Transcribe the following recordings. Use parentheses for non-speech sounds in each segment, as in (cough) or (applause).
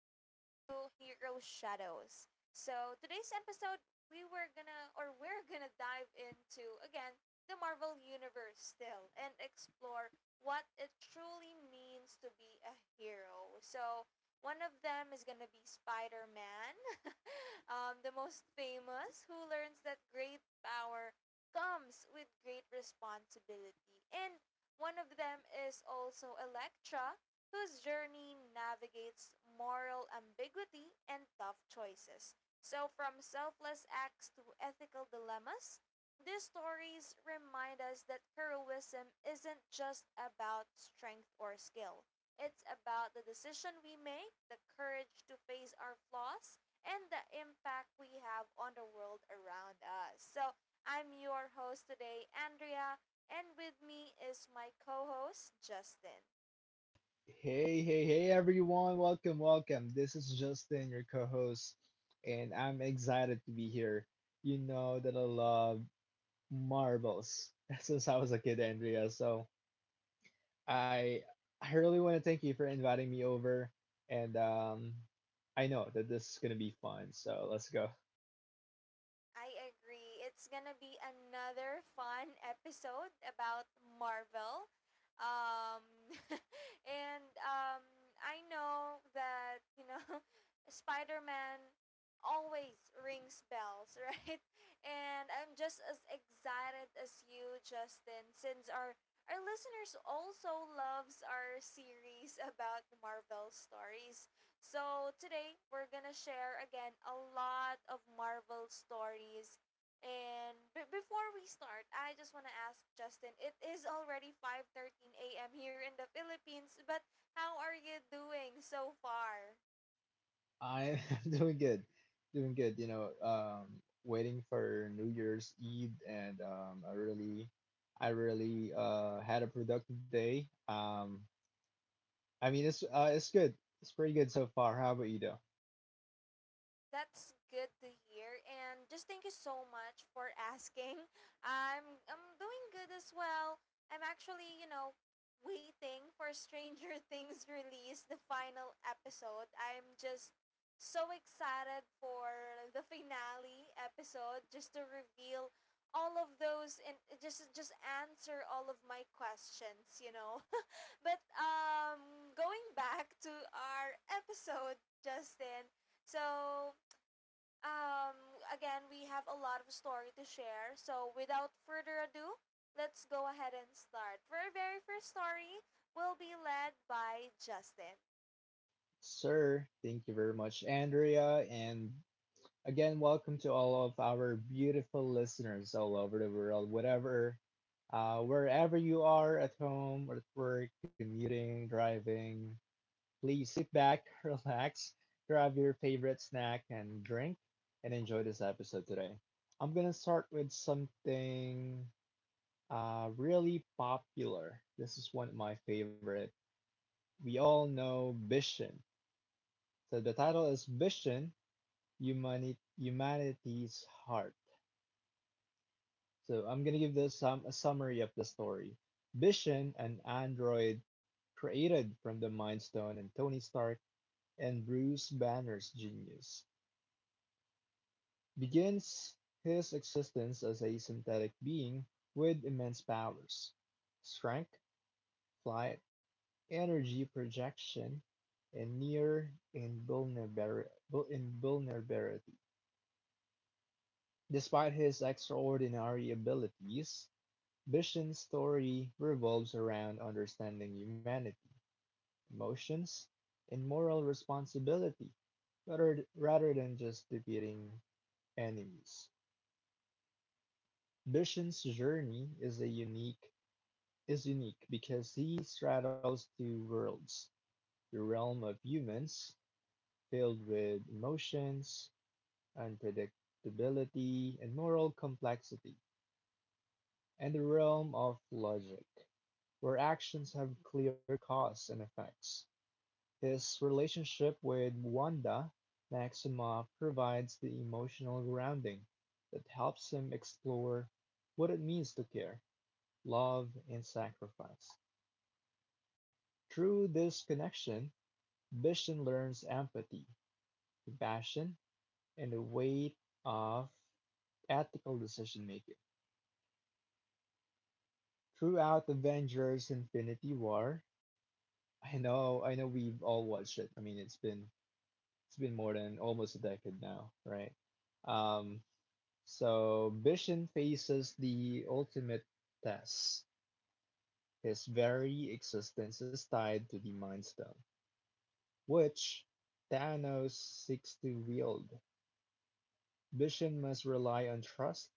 Shadows. Today's episode, we're gonna dive into, again, the Marvel Universe still and explore what it truly means to be a hero. So, one of them is gonna be Spider Man, the most famous, who learns that great power comes with great responsibility. And one of them is also Electra, whose journey navigates moral ambiguity and tough choices. So, from selfless acts to ethical dilemmas, these stories remind us that heroism isn't just about strength or skill. It's about the decision we make, the courage to face our flaws, and the impact we have on the world around us. So, I'm your host today, Andrea, and with me is my co host, Justin. Hey, hey, hey, everyone. Welcome, welcome. This is Justin, your co host, and I'm excited to be here. You know that I love marbles (laughs) since I was a kid, Andrea. So I, I really want to thank you for inviting me over, and I know that this is going to be fun. So let's go. I agree. It's gonna be another fun episode about Marvel. Um, (laughs) and I know that, (laughs) Spider Man always rings bells, (laughs) right? And I'm just as excited as you, Justin, since our listeners also loves our series (laughs) about Marvel stories. So today we're gonna share again a lot of Marvel stories. And before we start, I just wanna ask Justin. It is already 5:13 a.m. here in the Philippines, but how are you doing so far? I (laughs) am doing good, doing good. You know, waiting for New Year's Eve, and I really had a productive day. I mean, it's good. It's pretty good so far. How about you, though? That's good to hear. And just thank you so much for asking. (laughs) I'm doing good as well. I'm actually, waiting for Stranger (laughs) Things release, the final episode. I'm just so excited for the finale episode just to reveal all of those and just answer all of my questions. (laughs) But going back to our episode, Justin. So um, again, we have a lot of story to share. So without further ado, let's go ahead and start. For our very first story, will be led by Justin. Sir, thank you very much, Andrea, and again, welcome to all of our beautiful listeners all over the world, whatever, wherever you are, at home, or at work, commuting, driving. Please sit back, (laughs) relax, grab your favorite snack and drink, and enjoy this episode today. I'm gonna start with something really popular. This is one of my favorite. We all know Vision. So the title is Vision, Humanity's Heart. So I'm gonna give this some a summary of the story. Vision, an android created from the Mind Stone and Tony Stark and Bruce Banner's genius, begins his existence as a synthetic being with immense powers: strength, flight, energy projection, and near invulnerability. Despite his extraordinary abilities, Vision's story revolves around understanding humanity, emotions, and moral responsibility rather than just defeating enemies. Vision's journey is a unique because he straddles two worlds: the realm of humans, filled with emotions, unpredictability, and moral complexity, and the realm of logic, where actions have clear cause and effects. His relationship with Wanda Maximoff provides the emotional grounding that helps him explore what it means to care, love, and sacrifice. Through this connection, Vision learns empathy, compassion, and the weight of ethical decision making. Throughout Avengers Infinity War, I know we've all watched it. I mean, it's been more than almost a decade now, right? Um so Vision faces the ultimate test. His very existence is tied to the Mind Stone, which Thanos seeks to wield. Vision must rely on trust,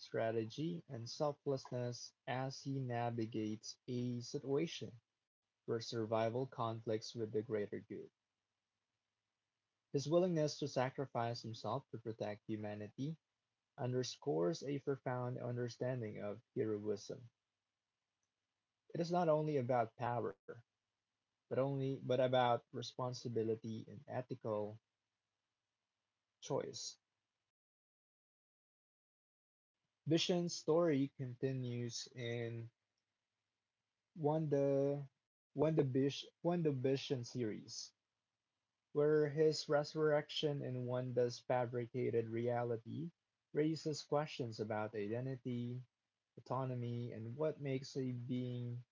strategy, and selflessness as he navigates a situation where survival conflicts with the greater good. His willingness to sacrifice himself to protect humanity underscores a profound understanding of heroism. It is not only about power, but about responsibility and ethical choice. Bishan's story continues in Wanda Vision series, where his resurrection in Wanda's fabricated reality raises questions about identity, autonomy, and what makes a being,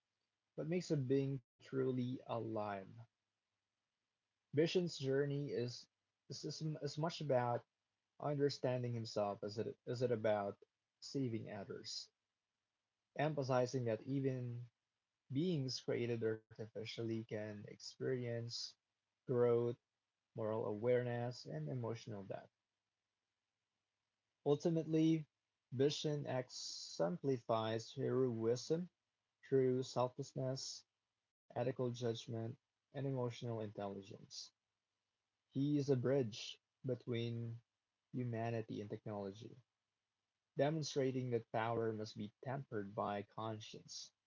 truly alive. Vision's journey is is much about understanding himself as it about saving others, emphasizing that even beings created artificially can experience growth, moral awareness, and emotional depth. Ultimately, Vision exemplifies heroism through selflessness, ethical judgment, and emotional intelligence. He is a bridge between humanity and technology, demonstrating that power must be tempered by conscience,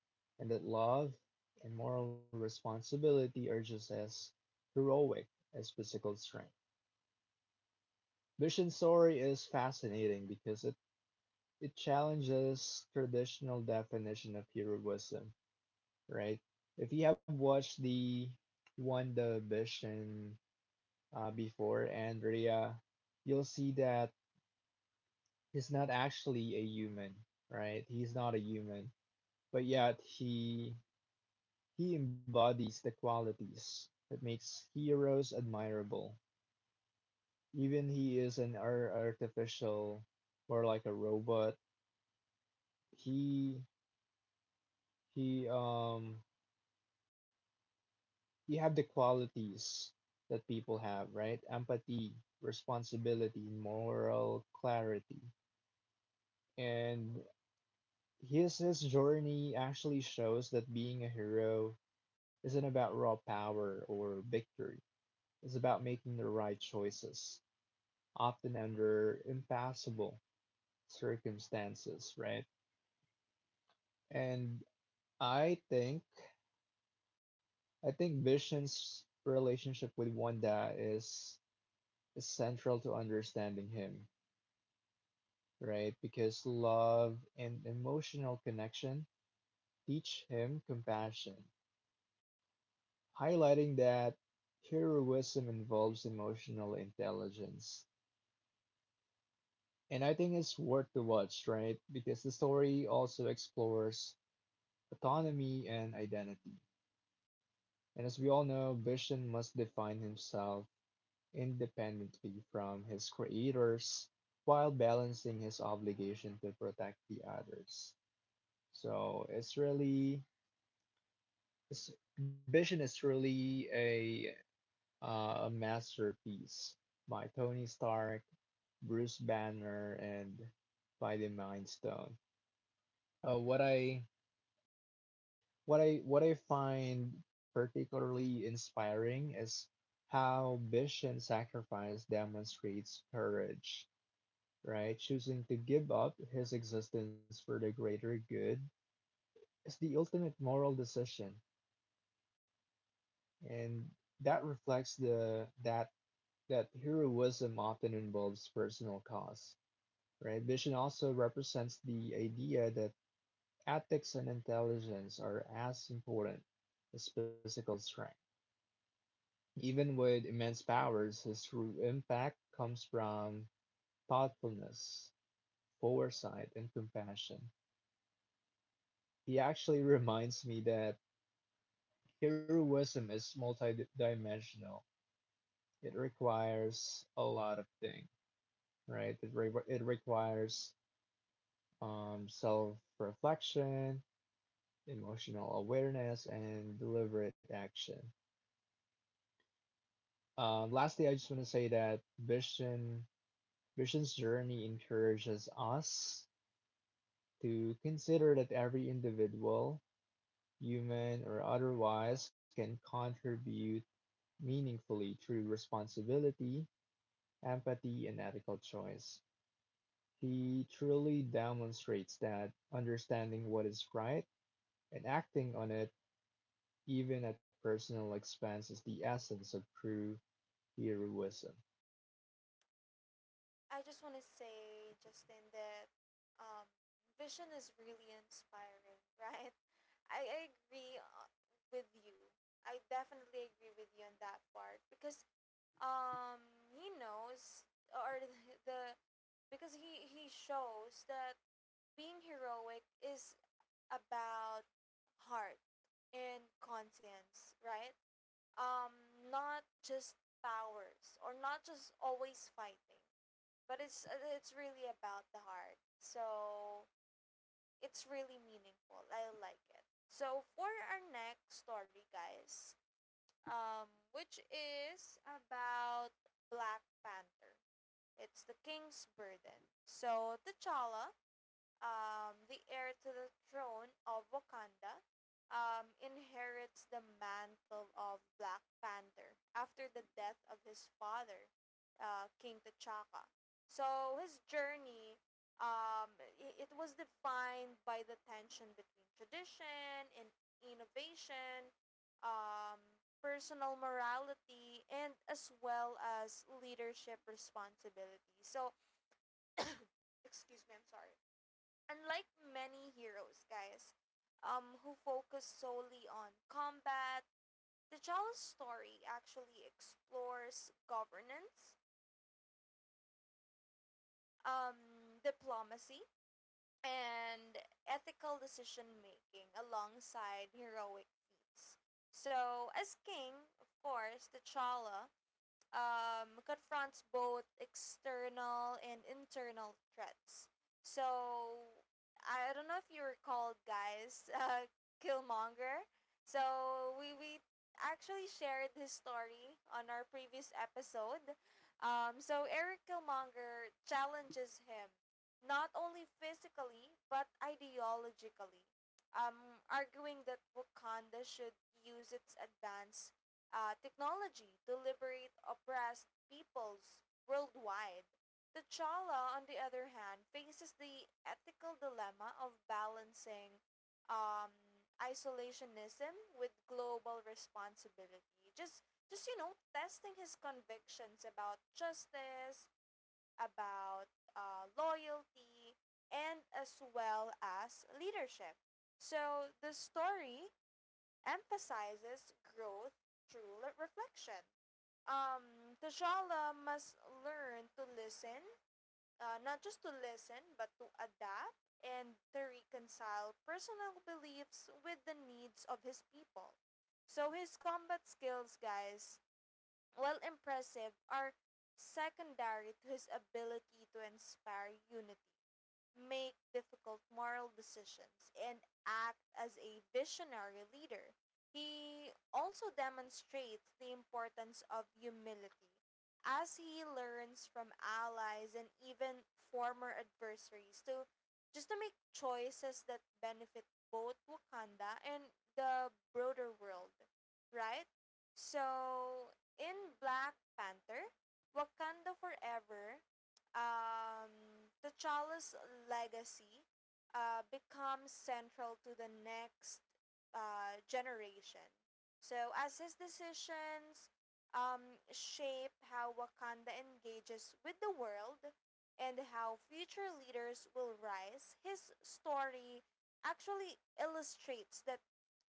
and that love and moral responsibility are just as heroic as physical strength. Vision's story is fascinating because it challenges traditional definition of heroism, right? If you have watched the One Division before, Andrea, you'll see that he's not actually a human, right? He's not a human, but yet he embodies the qualities that makes heroes admirable. Even he is an artificial, more like a robot. He he, you have the qualities that people have, right? Empathy, responsibility, moral clarity. And his journey actually shows that being a hero isn't about raw power or victory. It's about making the right choices, often under impossible circumstances, right? And I think I think Vision's relationship with Wanda is central to understanding him, right? Because love and emotional connection teach him compassion, highlighting that heroism involves emotional intelligence. And I think it's worth to watch, right? Because the story also explores autonomy and identity. And as we all know, Vision must define himself independently from his creators while balancing his obligation to protect the others. So it's really This vision is really a masterpiece by Tony Stark, Bruce Banner, and by the Mind Stone. Uh, what I what I find particularly inspiring is how Vision sacrifice demonstrates courage, right? Choosing to give up his existence for the greater good is the ultimate moral decision, and that reflects the that that heroism often involves personal costs, right? Vision also represents the idea that ethics and intelligence are as important as physical strength. Even with immense powers, his true impact comes from thoughtfulness, foresight, and compassion. He actually reminds me that heroism is multidimensional. It requires a lot of things, right? It requires self reflection, emotional awareness, and deliberate action. Lastly, I just want to say that vision's journey encourages us to consider that every individual, human or otherwise, can contribute meaningfully through responsibility, empathy, and ethical choice. He truly demonstrates that understanding what is right and acting on it, even at personal expense, is the essence of true heroism. I just want to say, Justin, that um, vision is really inspiring, (laughs) right? I agree with you. I definitely agree with you on that part because um he knows or (laughs) the because he shows that being heroic is about heart and conscience, right? Um, not just powers or not just always fighting, but it's really about the heart. So it's really meaningful. I like it. So for our next story, guys, which is about Black Panther. It's the King's Burden. So T'Challa the heir to the throne of Wakanda, inherits the mantle of Black Panther after the death of his father, King T'Chaka. So his journey, it was defined by the tension between tradition and innovation, personal morality, and as well as leadership responsibility. So, excuse me, I'm sorry. Unlike many heroes, guys, who focus solely on combat, the T'Challa's story actually explores governance, diplomacy, and ethical decision making alongside heroic feats. So, as king, of course, T'Challa confronts both external and internal threats. So I don't know if you recall, guys, (laughs) Killmonger. So we actually shared his story on our previous episode. So Eric Killmonger challenges him not only physically but ideologically, arguing that Wakanda should use its advanced technology to liberate oppressed peoples worldwide. T'Challa, on the other hand, faces the ethical dilemma of balancing um, isolationism with global responsibility. Just you know, testing his convictions about justice, about loyalty, and as well as leadership. So the story emphasizes growth through reflection. Tajala must learn to listen, not just to listen, but to adapt and to reconcile personal beliefs with the needs of his people. So his combat skills, guys, while impressive, are secondary to his ability to inspire unity make difficult moral decisions, and act as a visionary leader. He also demonstrates the importance of humility as he learns from allies and even former adversaries to just to make choices that benefit both Wakanda and the broader world, right? So, in Black Panther, Wakanda Forever T'Challa's legacy becomes central to the next generation. So, as his decisions shape how Wakanda engages with the world and how future leaders will rise, his story actually illustrates that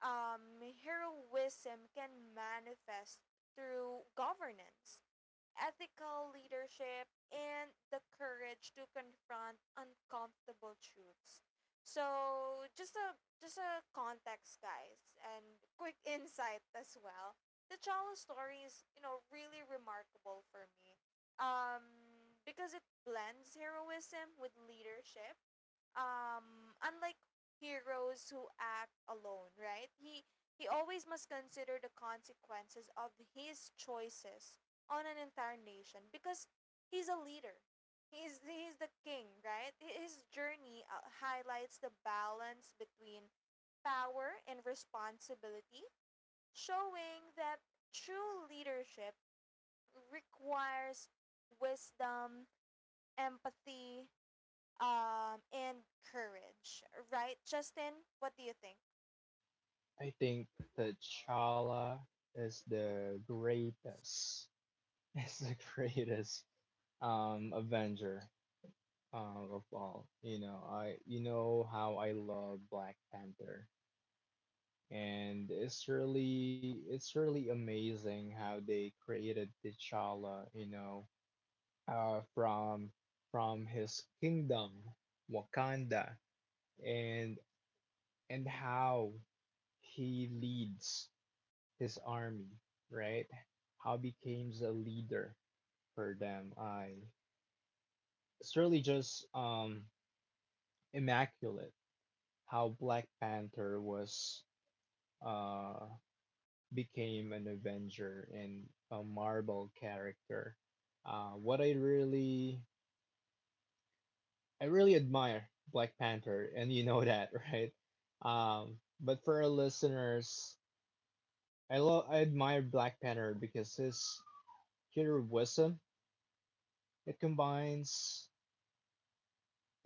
heroism can manifest through governance ethical leadership, and the courage to confront uncomfortable truths. So just a context, guys, and quick insight as well. The Chala story is, you know, really remarkable for me. Um, because it blends heroism with leadership unlike heroes who act alone, right? He always must consider the consequences of his choices on an entire nation because he's a leader, he's the king, right? His journey highlights the balance between power and responsibility showing that true leadership requires wisdom empathy and courage, right? Justin, what do you think? I think T'Challa is the greatest, (laughs) is the greatest Avenger of all. You know, I you know how I love Black Panther, and it's really amazing how they created T'Challa. You know, uh, from from his kingdom, Wakanda, and and how he leads his army, right? How becomes a leader for them. I It's really just immaculate how Black Panther was uh became an Avenger and a Marvel character. What I really admire Black Panther, and you know (laughs) that, right? But for our listeners, I admire Black Panther because his killer wisdom, it combines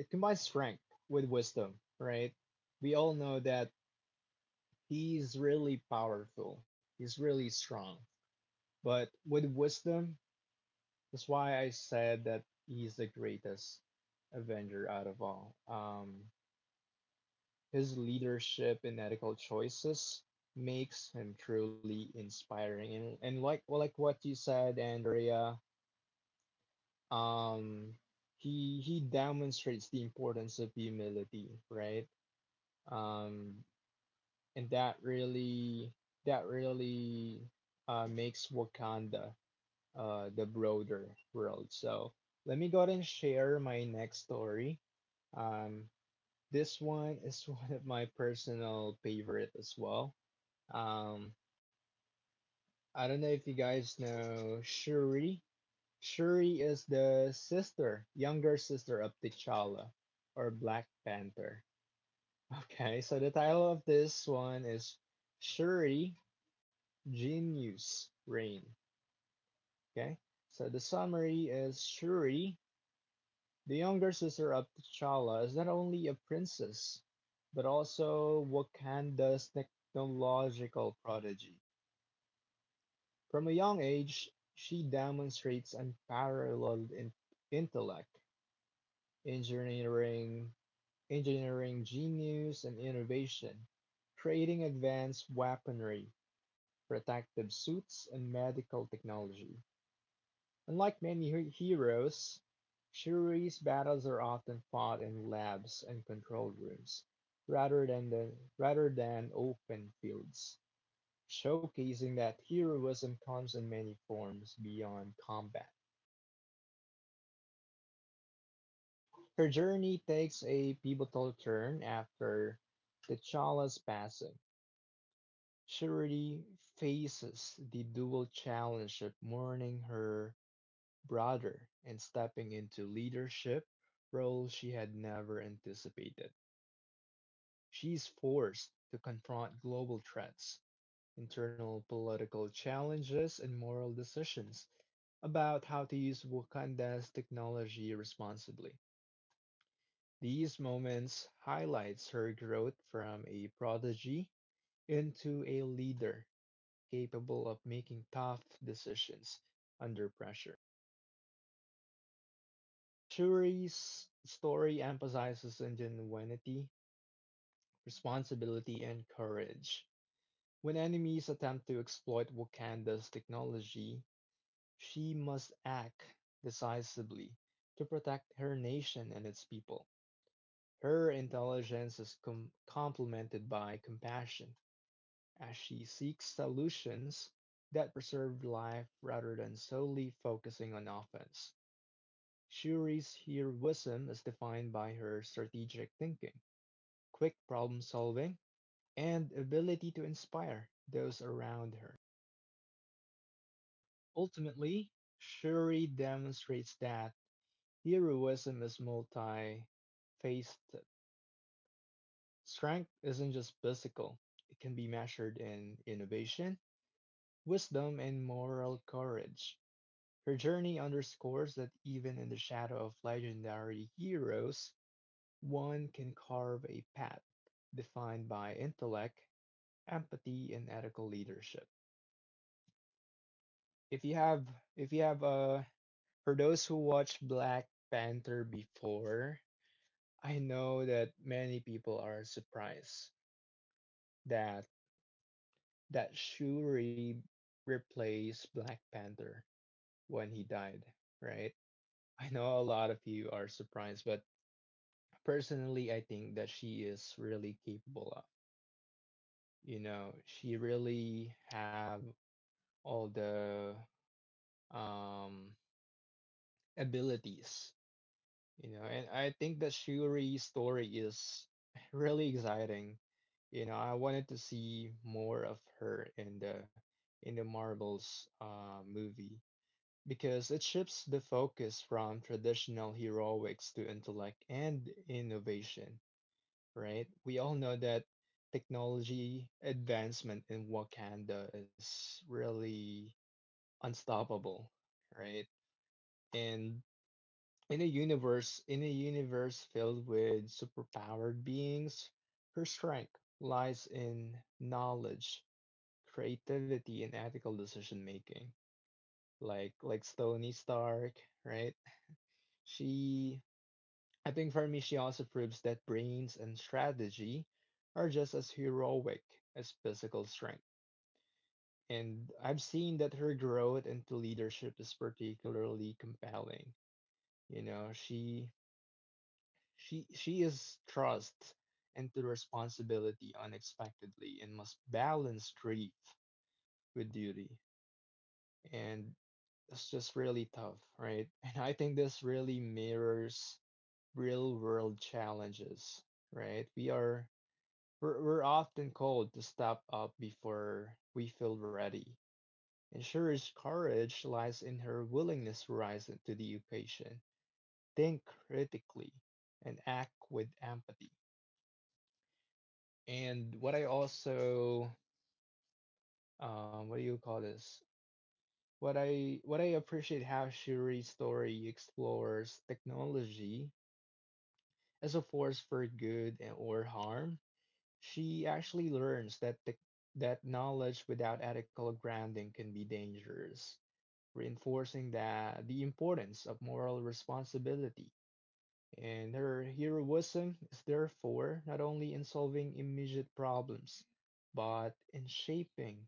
it combines strength with wisdom, right? We all know that he's really powerful. He's really strong. But with wisdom, that's why I said that he's the greatest Avenger out of all. His leadership and ethical choices makes him truly inspiring. And like well, like what you said, Andrea, um he demonstrates the importance of humility, right? Um and that really makes Wakanda, the broader world. So let me go ahead and share my next story. um this one is (laughs) one of my personal favorite as well. Um i don't know if you guys know Shuri. Is the sister, younger sister of T'Challa or Black Panther. Okay, so the title of this one is Shuri, Genius Reign. Okay, so the summary is: Shuri, the younger sister of T'Challa, is not only a princess, but also Wakanda's technological prodigy. From a young age, she demonstrates unparalleled intellect, engineering engineering genius and innovation, creating advanced weaponry, protective suits, and medical technology. Unlike many heroes, Shuri's battles are often fought in labs and control rooms rather than open fields, showcasing that heroism comes in many forms beyond combat. Her journey takes a pivotal turn after T'Challa's passing. Charity faces the dual challenge of mourning her brother and stepping into leadership roles she had never anticipated. She is forced to confront global threats, internal political challenges, and moral decisions about how to use Wakanda's technology responsibly. These moments highlights her growth from a prodigy into a leader capable of making tough decisions under pressure. Shuri's story emphasizes ingenuity, responsibility, and courage. When enemies attempt to exploit Wakanda's technology, she must act decisively to protect her nation and its people. Her intelligence is complemented by compassion as she seeks solutions that preserve life rather than solely focusing on offense. Shuri's heroism is defined by her strategic thinking, quick problem solving, and ability to inspire those around her. Ultimately, Shuri demonstrates that heroism is multi faceted. Strength isn't just physical, it can be measured in innovation, wisdom, and moral courage. Her journey underscores that even in the shadow of legendary heroes, one can carve a path defined by intellect, empathy, and ethical leadership. If you have, if you have, for those who watched Black Panther before, I know that many people are surprised that that Shuri replaced Black Panther when he died, right? I know a lot of you are surprised, but personally, I think that she is really capable of. You know, she really have all the um abilities, you know, and I think that Shuri's story is really exciting. You know, I wanted to see more of her in the Marvel's movie, because it shifts the focus from traditional heroics to intellect and innovation, right? We all know that technology advancement in Wakanda is really unstoppable, right? And in a universe filled with superpowered beings, her strength lies in knowledge, creativity, and ethical decision making. Like Tony Stark, right? She I think for me, she also proves that brains and strategy are just as heroic as physical strength. And I've seen that her growth into leadership is particularly compelling. You know, she she is thrust into responsibility unexpectedly and must balance grief with duty. And it's just really tough, right? (laughs) And I think this really mirrors real world challenges, right? We're often called to step up before we feel ready. And Sherry's courage lies in her willingness to rise to the occasion, think critically, and act with empathy. And what I also, what do you call this? What I appreciate how Shuri's story explores technology as a force for good and or harm. She actually learns that knowledge without ethical grounding can be dangerous, reinforcing that the importance of moral responsibility. And her heroism is therefore not only in solving immediate problems, but in shaping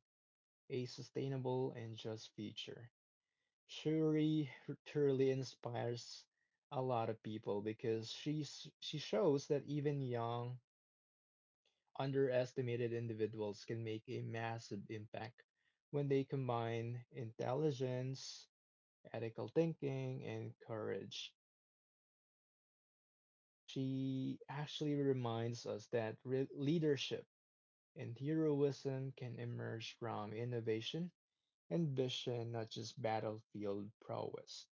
a sustainable and just future. Shuri truly inspires a lot of people because she shows that even young underestimated individuals can make a massive impact when they combine intelligence, ethical thinking, and courage. She actually reminds us that leadership and heroism can emerge from innovation and vision, not just battlefield prowess.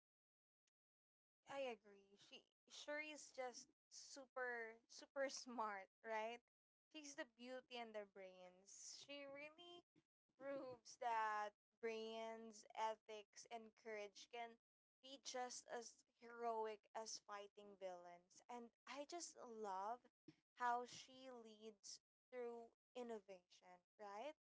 I agree. She Shuri's just super (laughs) smart, right? She's the beauty and the brains. She really proves that brains, ethics, and courage can be just as heroic as fighting villains. And I just love how she leads through innovation, right?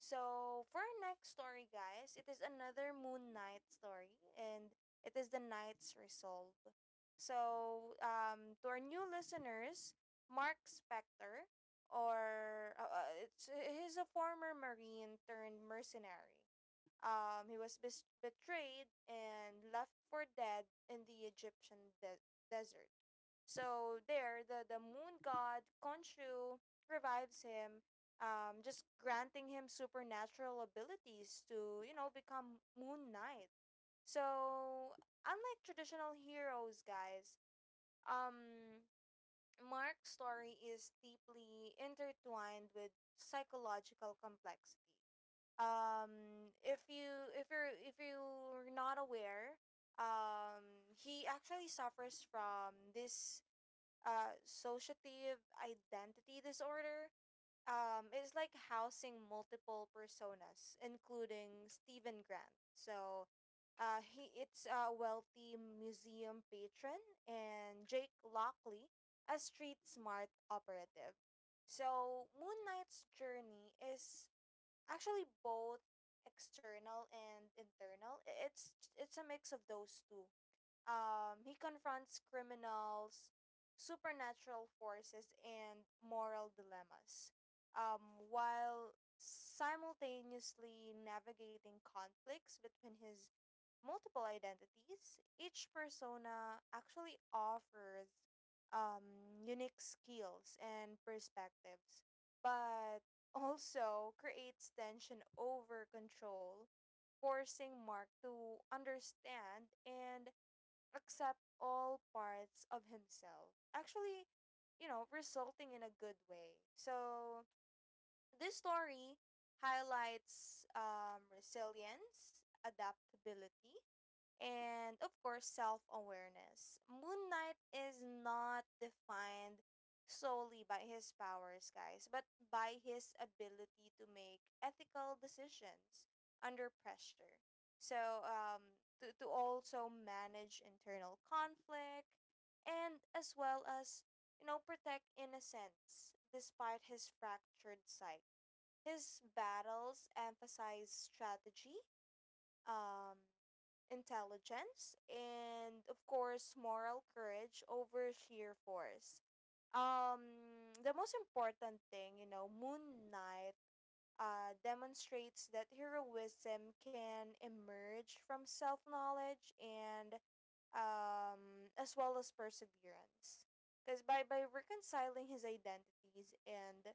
So for our next story, guys, it is another Moon Knight story, and it is the Knight's Resolve. So, to our new listeners, Mark Spector, he's a former Marine turned mercenary. He was betrayed and left for dead in the Egyptian desert. So there, the moon god Khonshu revives him, just granting him supernatural abilities to, you know, become moon knight. So Unlike traditional heroes, guys, um, Mark's story is deeply intertwined with psychological complexity. If you're not aware, he actually suffers from this associative identity disorder, it's like housing multiple personas, including Stephen Grant. So, he it's a wealthy museum patron and Jake Lockley, a street smart operative. So, Moon Knight's journey is actually both external and internal. It's a mix of those two. He confronts criminals, supernatural forces, and moral dilemmas, while simultaneously navigating conflicts between his multiple identities. Each persona actually offers unique skills and perspectives, but also creates tension over control, forcing Mark to understand and accept all parts of himself. Actually, you know, resulting in a good way. So this story highlights resilience, adaptability, and of course, self awareness. Moon Knight is not defined solely by his powers, guys, but by his ability to make ethical decisions under pressure. So, to also manage internal conflict and as well as, you know, protect innocence despite his fractured psyche. His battles emphasize strategy, um, intelligence, and of course, moral courage over sheer force. The most important thing, you know, Moon Knight demonstrates that heroism can emerge from self knowledge and as well as perseverance. Because by reconciling his identities and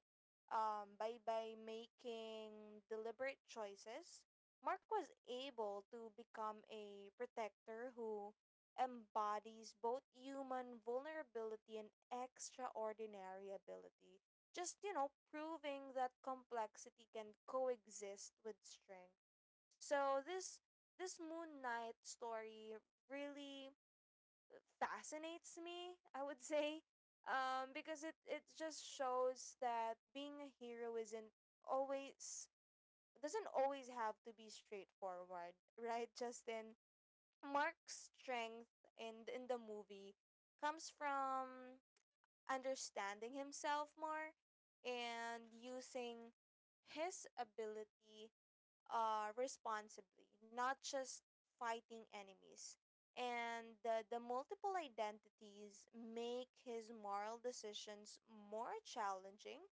by making deliberate choices, Mark was able to become a protector who embodies both human vulnerability and extraordinary ability just, you know, proving that complexity can coexist with strength. So this Moon Knight story really fascinates me, I would (laughs) say. Because it just shows that being a hero isn't always doesn't always have to be straightforward, (laughs) right, Justin? Mark's strength in the movie comes from understanding himself more and using his ability responsibly, not just fighting enemies. And the multiple identities make his moral decisions more challenging,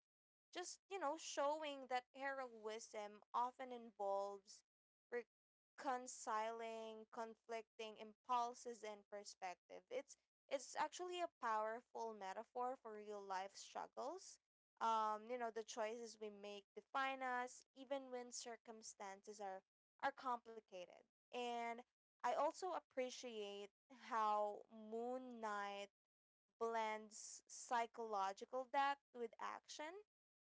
just you know, showing that heroism often involves reconciling conflicting impulses and perspective. It's actually a powerful metaphor for real life struggles. You know, the choices we make define us even when circumstances are complicated. And I also appreciate how moon knight blends psychological depth with action.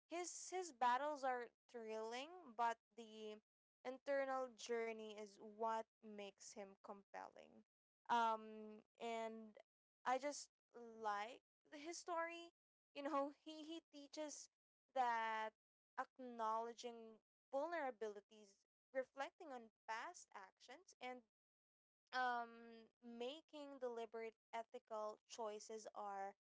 His battles are thrilling, but the internal journey is what makes him compelling. And I just like his story. You know, he teaches that acknowledging vulnerabilities, reflecting on past actions, and making deliberate ethical choices are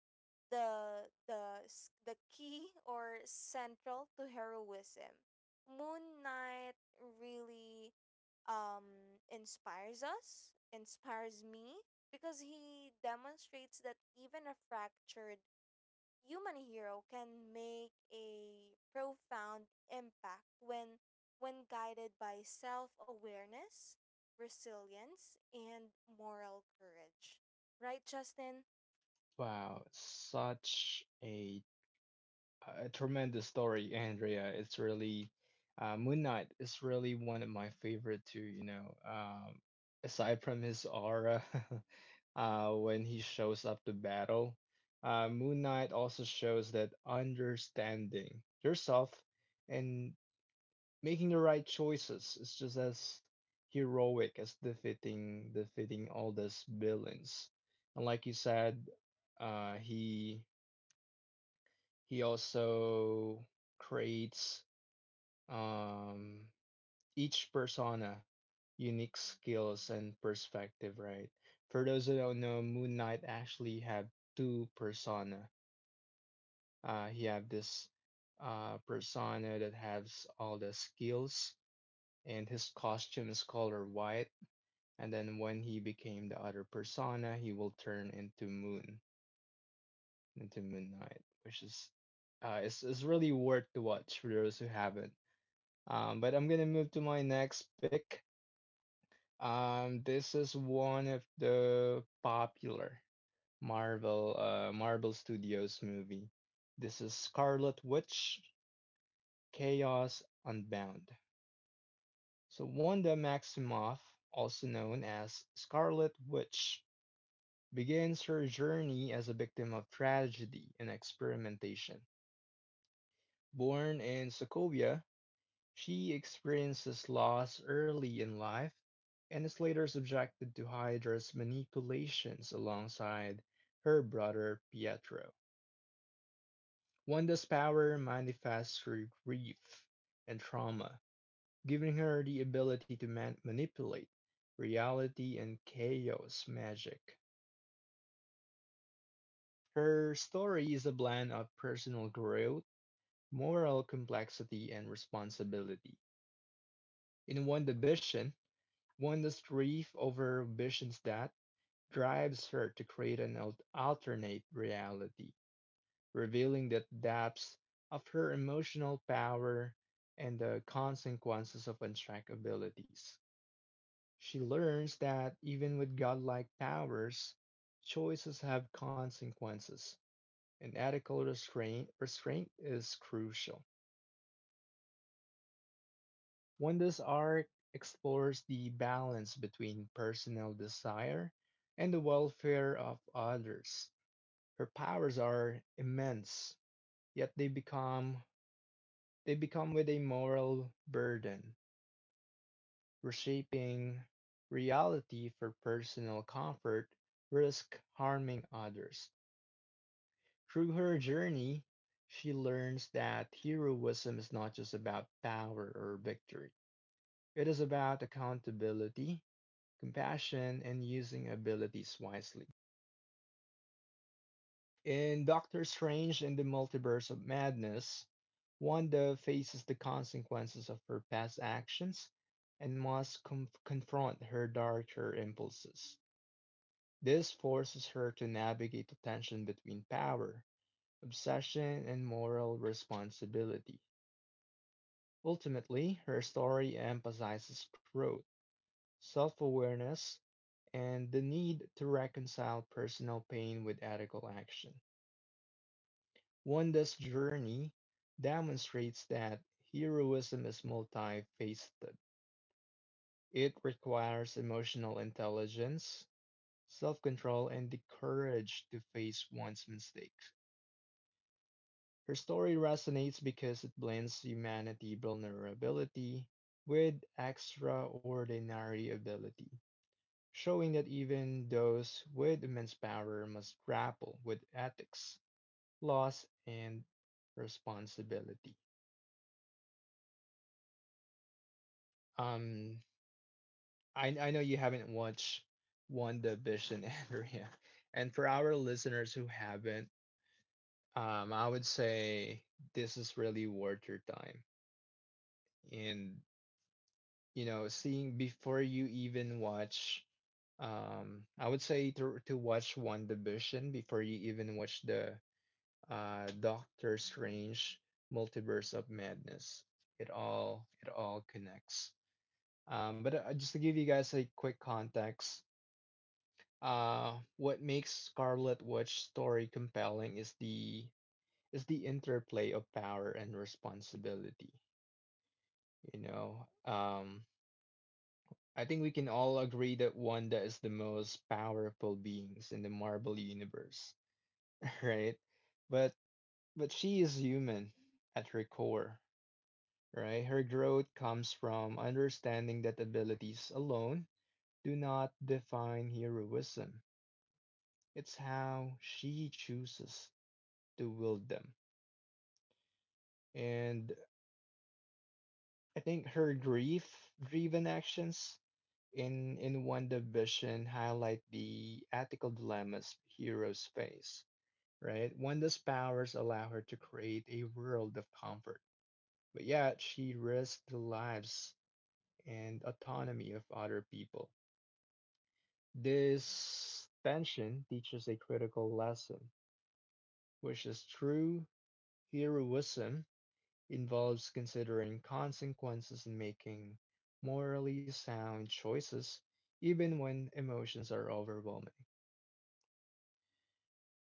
the key or central to heroism. Moon Knight really inspires me because he demonstrates that even a fractured human hero can make a profound impact when guided by self-awareness, resilience, and moral courage. Right, Justin? Wow, such a tremendous story, Andrea. It's really Moon Knight is really one of my favorite too, you know. Aside from his aura (laughs) when he shows up to battle, Moon Knight also shows that understanding yourself and making the right choices is just as heroic as defeating all these villains. And like you said, uh, he he also creates um, each persona unique skills and perspective, right? For those who don't know, Moon Knight actually had two persona. He had this persona that has all the skills, and his costume is color white. And then when he became the other persona, he will turn into Moon Knight, which is it's really worth to watch for those who haven't. But I'm gonna move to my next pick. This is one of the popular Marvel Studios movie. This is Scarlet Witch: Chaos Unbound. So Wanda Maximoff, also known as Scarlet Witch, begins her journey as a victim of tragedy and experimentation. Born in Sokovia, she experiences loss early in life and is later subjected to Hydra's manipulations alongside her brother Pietro. Wanda's power manifests through grief and trauma, giving her the ability to manipulate reality and chaos magic. Her story is a blend of personal growth, moral complexity, and responsibility. In WandaVision, Wanda's grief over Vision's death drives her to create an alternate reality, revealing the depths of her emotional power and the consequences of unchecked abilities. She learns that even with godlike powers, choices have consequences, and ethical restraint is crucial. When this arc explores the balance between personal desire and the welfare of others. Her powers are immense, yet they become with a moral burden, reshaping reality for personal comfort, risk harming others. Through her journey, she learns that heroism is not just about power or victory. It is about accountability, compassion, and using abilities wisely. In Doctor Strange and the Multiverse of Madness, Wanda faces the consequences of her past actions and must confront her darker impulses. This forces her to navigate the tension between power, obsession, and moral responsibility. Ultimately, her story emphasizes growth, self awareness, and the need to reconcile personal pain with ethical action. Wanda's journey demonstrates that heroism is multifaceted. It requires emotional intelligence, self control, and the courage to face one's mistakes. Her story resonates because it blends humanity vulnerability with extraordinary ability, showing that even those with immense power must grapple with ethics, loss, and responsibility. Um, I know you haven't watched One Division, (laughs) Andrea, and for our listeners who haven't, I would say this is really worth your time. And you know, seeing before you even watch, I would say to watch One Division before you even watch the Doctor Strange Multiverse of Madness. It all connects. But just to give you guys a quick context. What makes Scarlet Witch's story compelling is the interplay of power and responsibility. You know, I think we can all agree that Wanda is the most powerful beings in the Marvel universe, (laughs) right? But but she is human at her core, right? Her growth comes from understanding that abilities alone do not define heroism. It's how she chooses to wield them. And I think her grief-driven actions in One Division highlight the ethical dilemmas heroes face, right? Wanda's powers allow her to create a world of comfort, but yet she risks the lives and autonomy of other people. This tension teaches a critical lesson, which is true heroism involves considering consequences and making morally sound choices, even when emotions are overwhelming.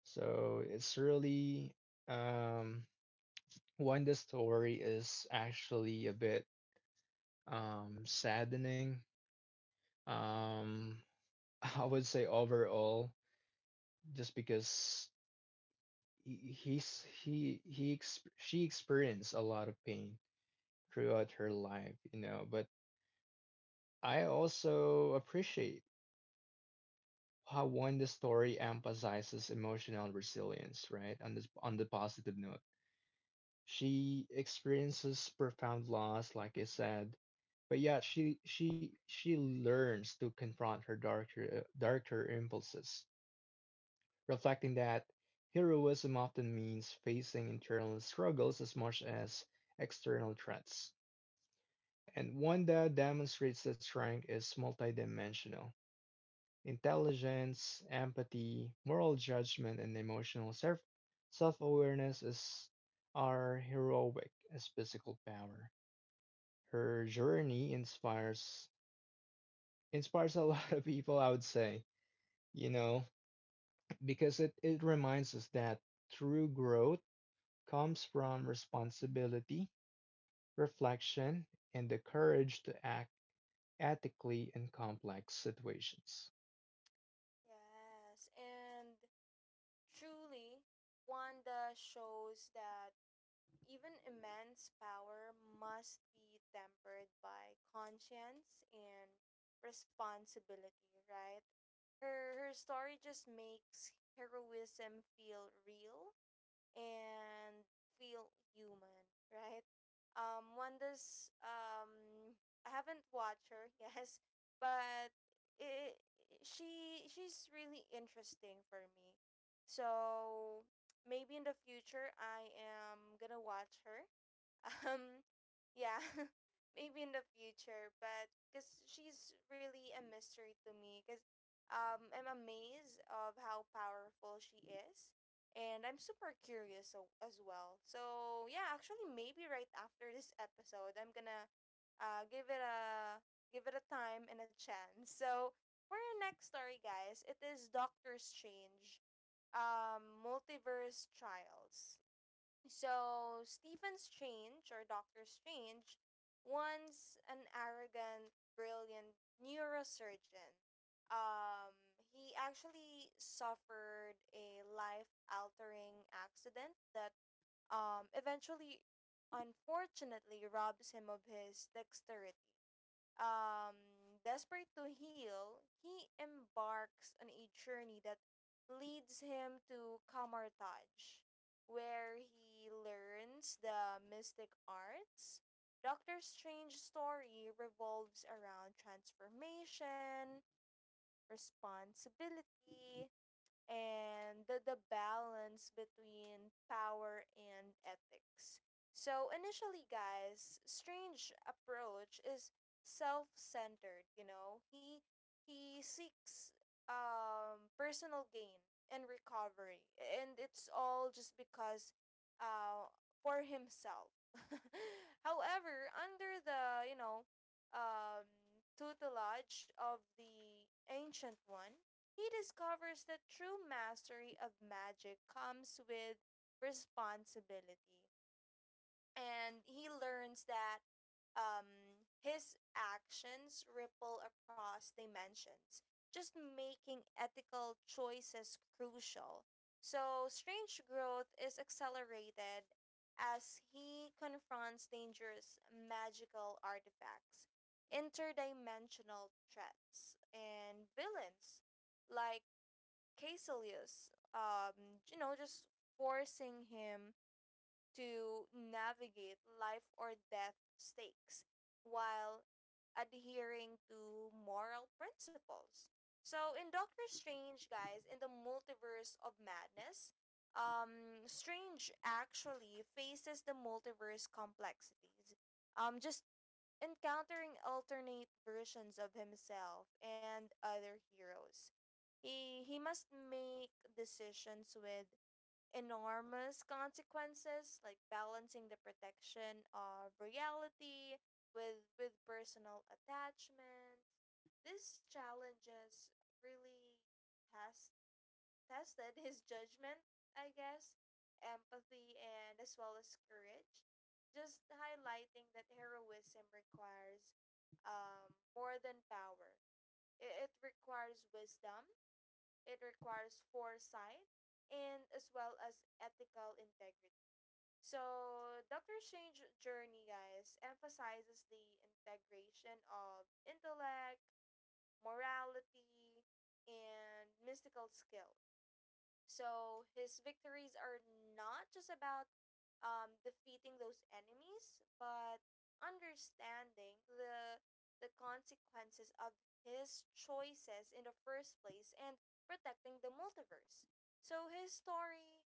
So it's really um, when the story is actually a bit saddening. Um, (laughs) I would say overall, just because he- he's he ex she experienced a lot of pain throughout her life, you know, but I also appreciate how one the story emphasizes emotional resilience, right? On this on the positive note. She experiences profound loss, like I said, but yeah, she learns to confront her darker impulses, reflecting that heroism often means facing internal struggles as much as external threats. And one that demonstrates that strength is multidimensional. Intelligence, empathy, moral judgment, and emotional self-awareness is are heroic as physical power. Her journey inspires a (laughs) lot of people, I would say, you know, because it reminds us that true growth comes from responsibility, reflection, and the courage to act ethically in complex situations. Yes, and Truly, Wanda shows that even immense power must be tempered by conscience and responsibility, right? Her story just makes heroism feel real and feel human, right? Wanda's I haven't watched her, (laughs) yes, but it, she she's really interesting for me. So maybe in the future I am gonna watch her, um yeah. (laughs) Maybe in the future, but because she's really a mystery to me, because I'm amazed of how powerful she is, and I'm super curious, so, as well. So yeah, actually maybe right after this episode I'm gonna uh give it a give it a time and a chance. So for our next story, guys, it is Doctor Strange, multiverse trials. So Stephen Strange, or Doctor Strange, once an arrogant, brilliant neurosurgeon, um, he actually suffered a life-altering accident that, eventually, unfortunately, robs him of his dexterity. um, desperate to heal, he embarks on a journey that leads him to Kamartaj, where he learns the mystic arts. Doctor Strange's story revolves around transformation, responsibility, and the balance between power and ethics. So initially, guys, Strange approach is self-centered, you know. He seeks personal gain and recovery, and it's all just because uh for himself. (laughs) However, under the, you know, tutelage of the ancient one, he discovers that true mastery of magic comes with responsibility. And he learns that, his actions ripple across dimensions, just making ethical choices crucial. So Strange growth is accelerated as he confronts dangerous magical artifacts, interdimensional threats, and villains like Caecilius, you know, just forcing him to navigate life or death stakes while adhering to moral principles. So in Doctor Strange, guys, in the multiverse of madness, Strange actually faces the multiverse complexities. Just encountering alternate versions of himself and other heroes. He must make decisions with enormous consequences, like balancing the protection of reality with personal attachments. These challenges really test tested his judgment, I guess, empathy, and as well as courage. Just highlighting that heroism requires, more than power. It requires wisdom, it requires foresight, and as well as ethical integrity. So, Doctor Strange Journey, guys, emphasizes the integration of intellect, morality, and mystical skill. So his victories are not just about, defeating those enemies, but understanding the consequences of his choices in the first place, and protecting the multiverse. So his story,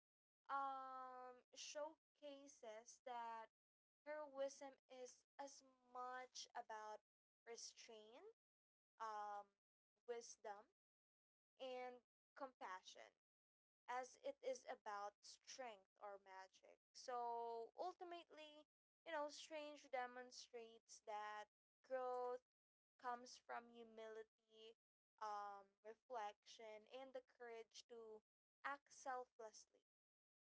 showcases that heroism is as much about restraint, um, wisdom, and compassion as it is about strength or magic. So ultimately, you know, Strange demonstrates that growth comes from humility, reflection, and the courage to act selflessly.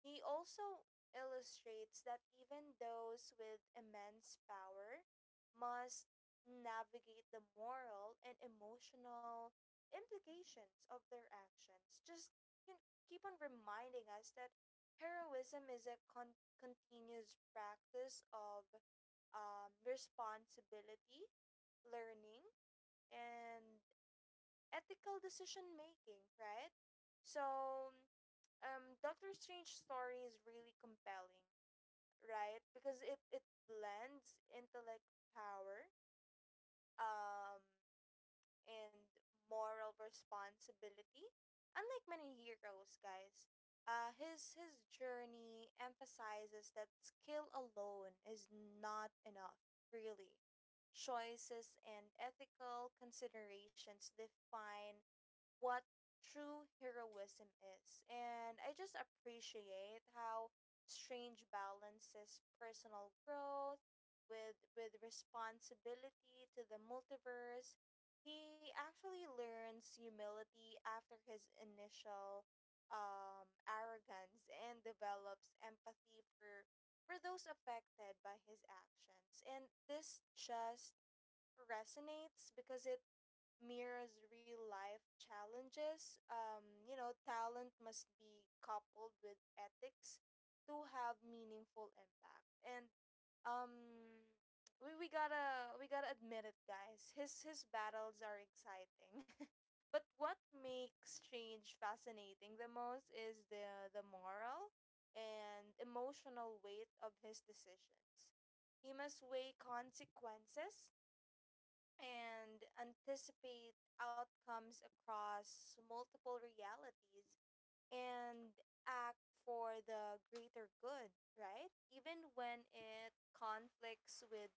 He also illustrates that even those with immense power must navigate the moral and emotional implications of their actions. Just, you know, keep on reminding us that heroism is a continuous practice of, responsibility, learning, and ethical decision making, right? So, Doctor Strange story is really compelling, right? Because it blends intellect, power, um, and moral responsibility. Unlike many heroes, guys, his journey emphasizes that skill alone is not enough. Really, choices and ethical considerations define what true heroism is. And I just appreciate how Strange balances personal growth with responsibility to the multiverse. He actually learns humility after his initial, arrogance, and develops empathy for those affected by his actions. And this just resonates because it mirrors real life challenges. Um, you know, talent must be coupled with ethics to have meaningful impact. And, um, we gotta admit it, guys. His battles are exciting. (laughs) But what makes change fascinating the most is the moral and emotional weight of his decisions. He must weigh consequences and anticipate outcomes across multiple realities, and act for the greater good, right? Even when it conflicts with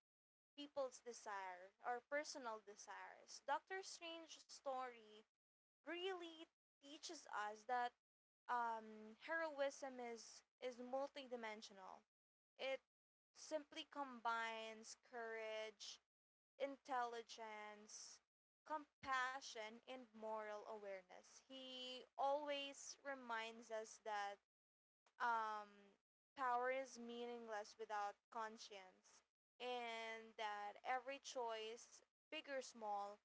people's desire or personal desires. Doctor Strange's story really teaches us that, heroism is multidimensional. It simply combines courage, intelligence, compassion, and moral awareness. He always reminds us that, um, power is meaningless without conscience, and that every choice, big or small,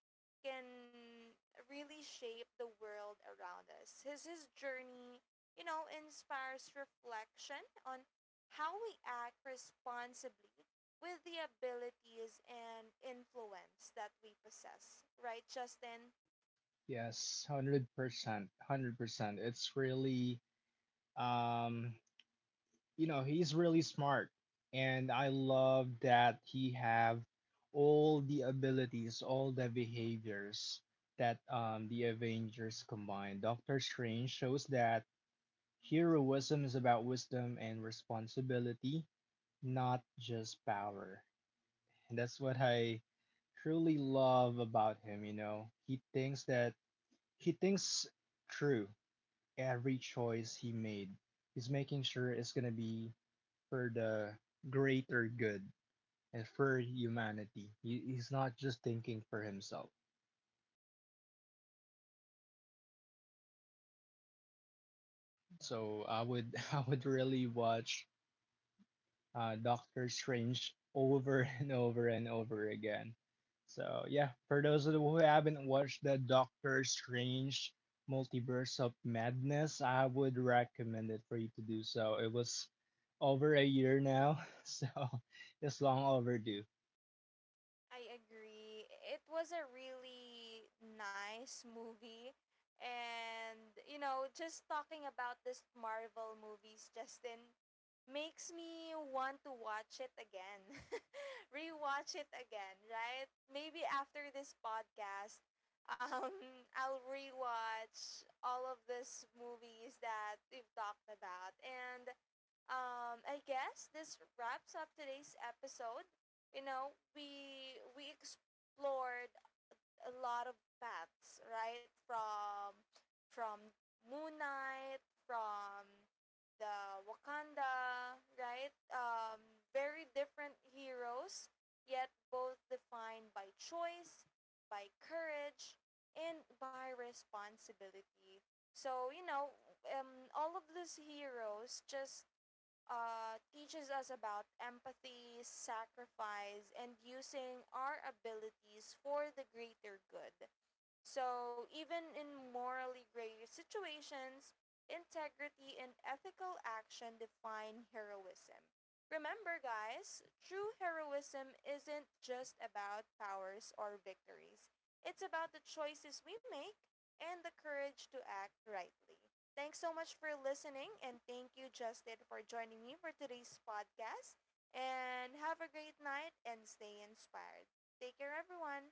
can really shape the world around us. His journey, you know, inspires reflection on how we act responsibly with the abilities and influence that we possess, right, Justin? Yes, 100%. 100%. It's really. Um, you know, he's really smart, and I love that he have all the abilities, all the behaviors that the Avengers combine. Doctor Strange shows that heroism is about wisdom and responsibility, not just power. And that's what I truly love about him, you know. He thinks through every choice he made. He's making sure it's gonna be for the greater good and for humanity. He, he's not just thinking for himself. So I would (laughs) I would really watch Doctor Strange over (laughs) and over again. So yeah, for those of you who haven't watched the Doctor Strange Multiverse of Madness, I would recommend it for you to do so. It was over a year now, (laughs) so it's long overdue. I agree. It was a really nice movie. And, you know, just talking about this Marvel movies, Justin, makes me want to watch it again. (laughs) Rewatch it again, right? Maybe after this podcast, (laughs) I'll rewatch all of these movies that we've talked about. And, I guess this wraps up today's episode. You know, we explored a lot of paths, right? From from Moon Knight, from the Wakanda, right? Very different heroes, yet both defined by choice, by courage, and by responsibility. So, you know, all of these heroes just, teaches us about empathy, sacrifice, and using our abilities for the greater good. So, even in morally gray situations, integrity and ethical action define heroism. Remember, guys, true heroism isn't just about powers or victories, it's about the choices we make and the courage to act rightly. Thanks so much for listening, and thank you, Justin, for joining me for today's podcast. And have a great night and stay inspired. Take care, everyone.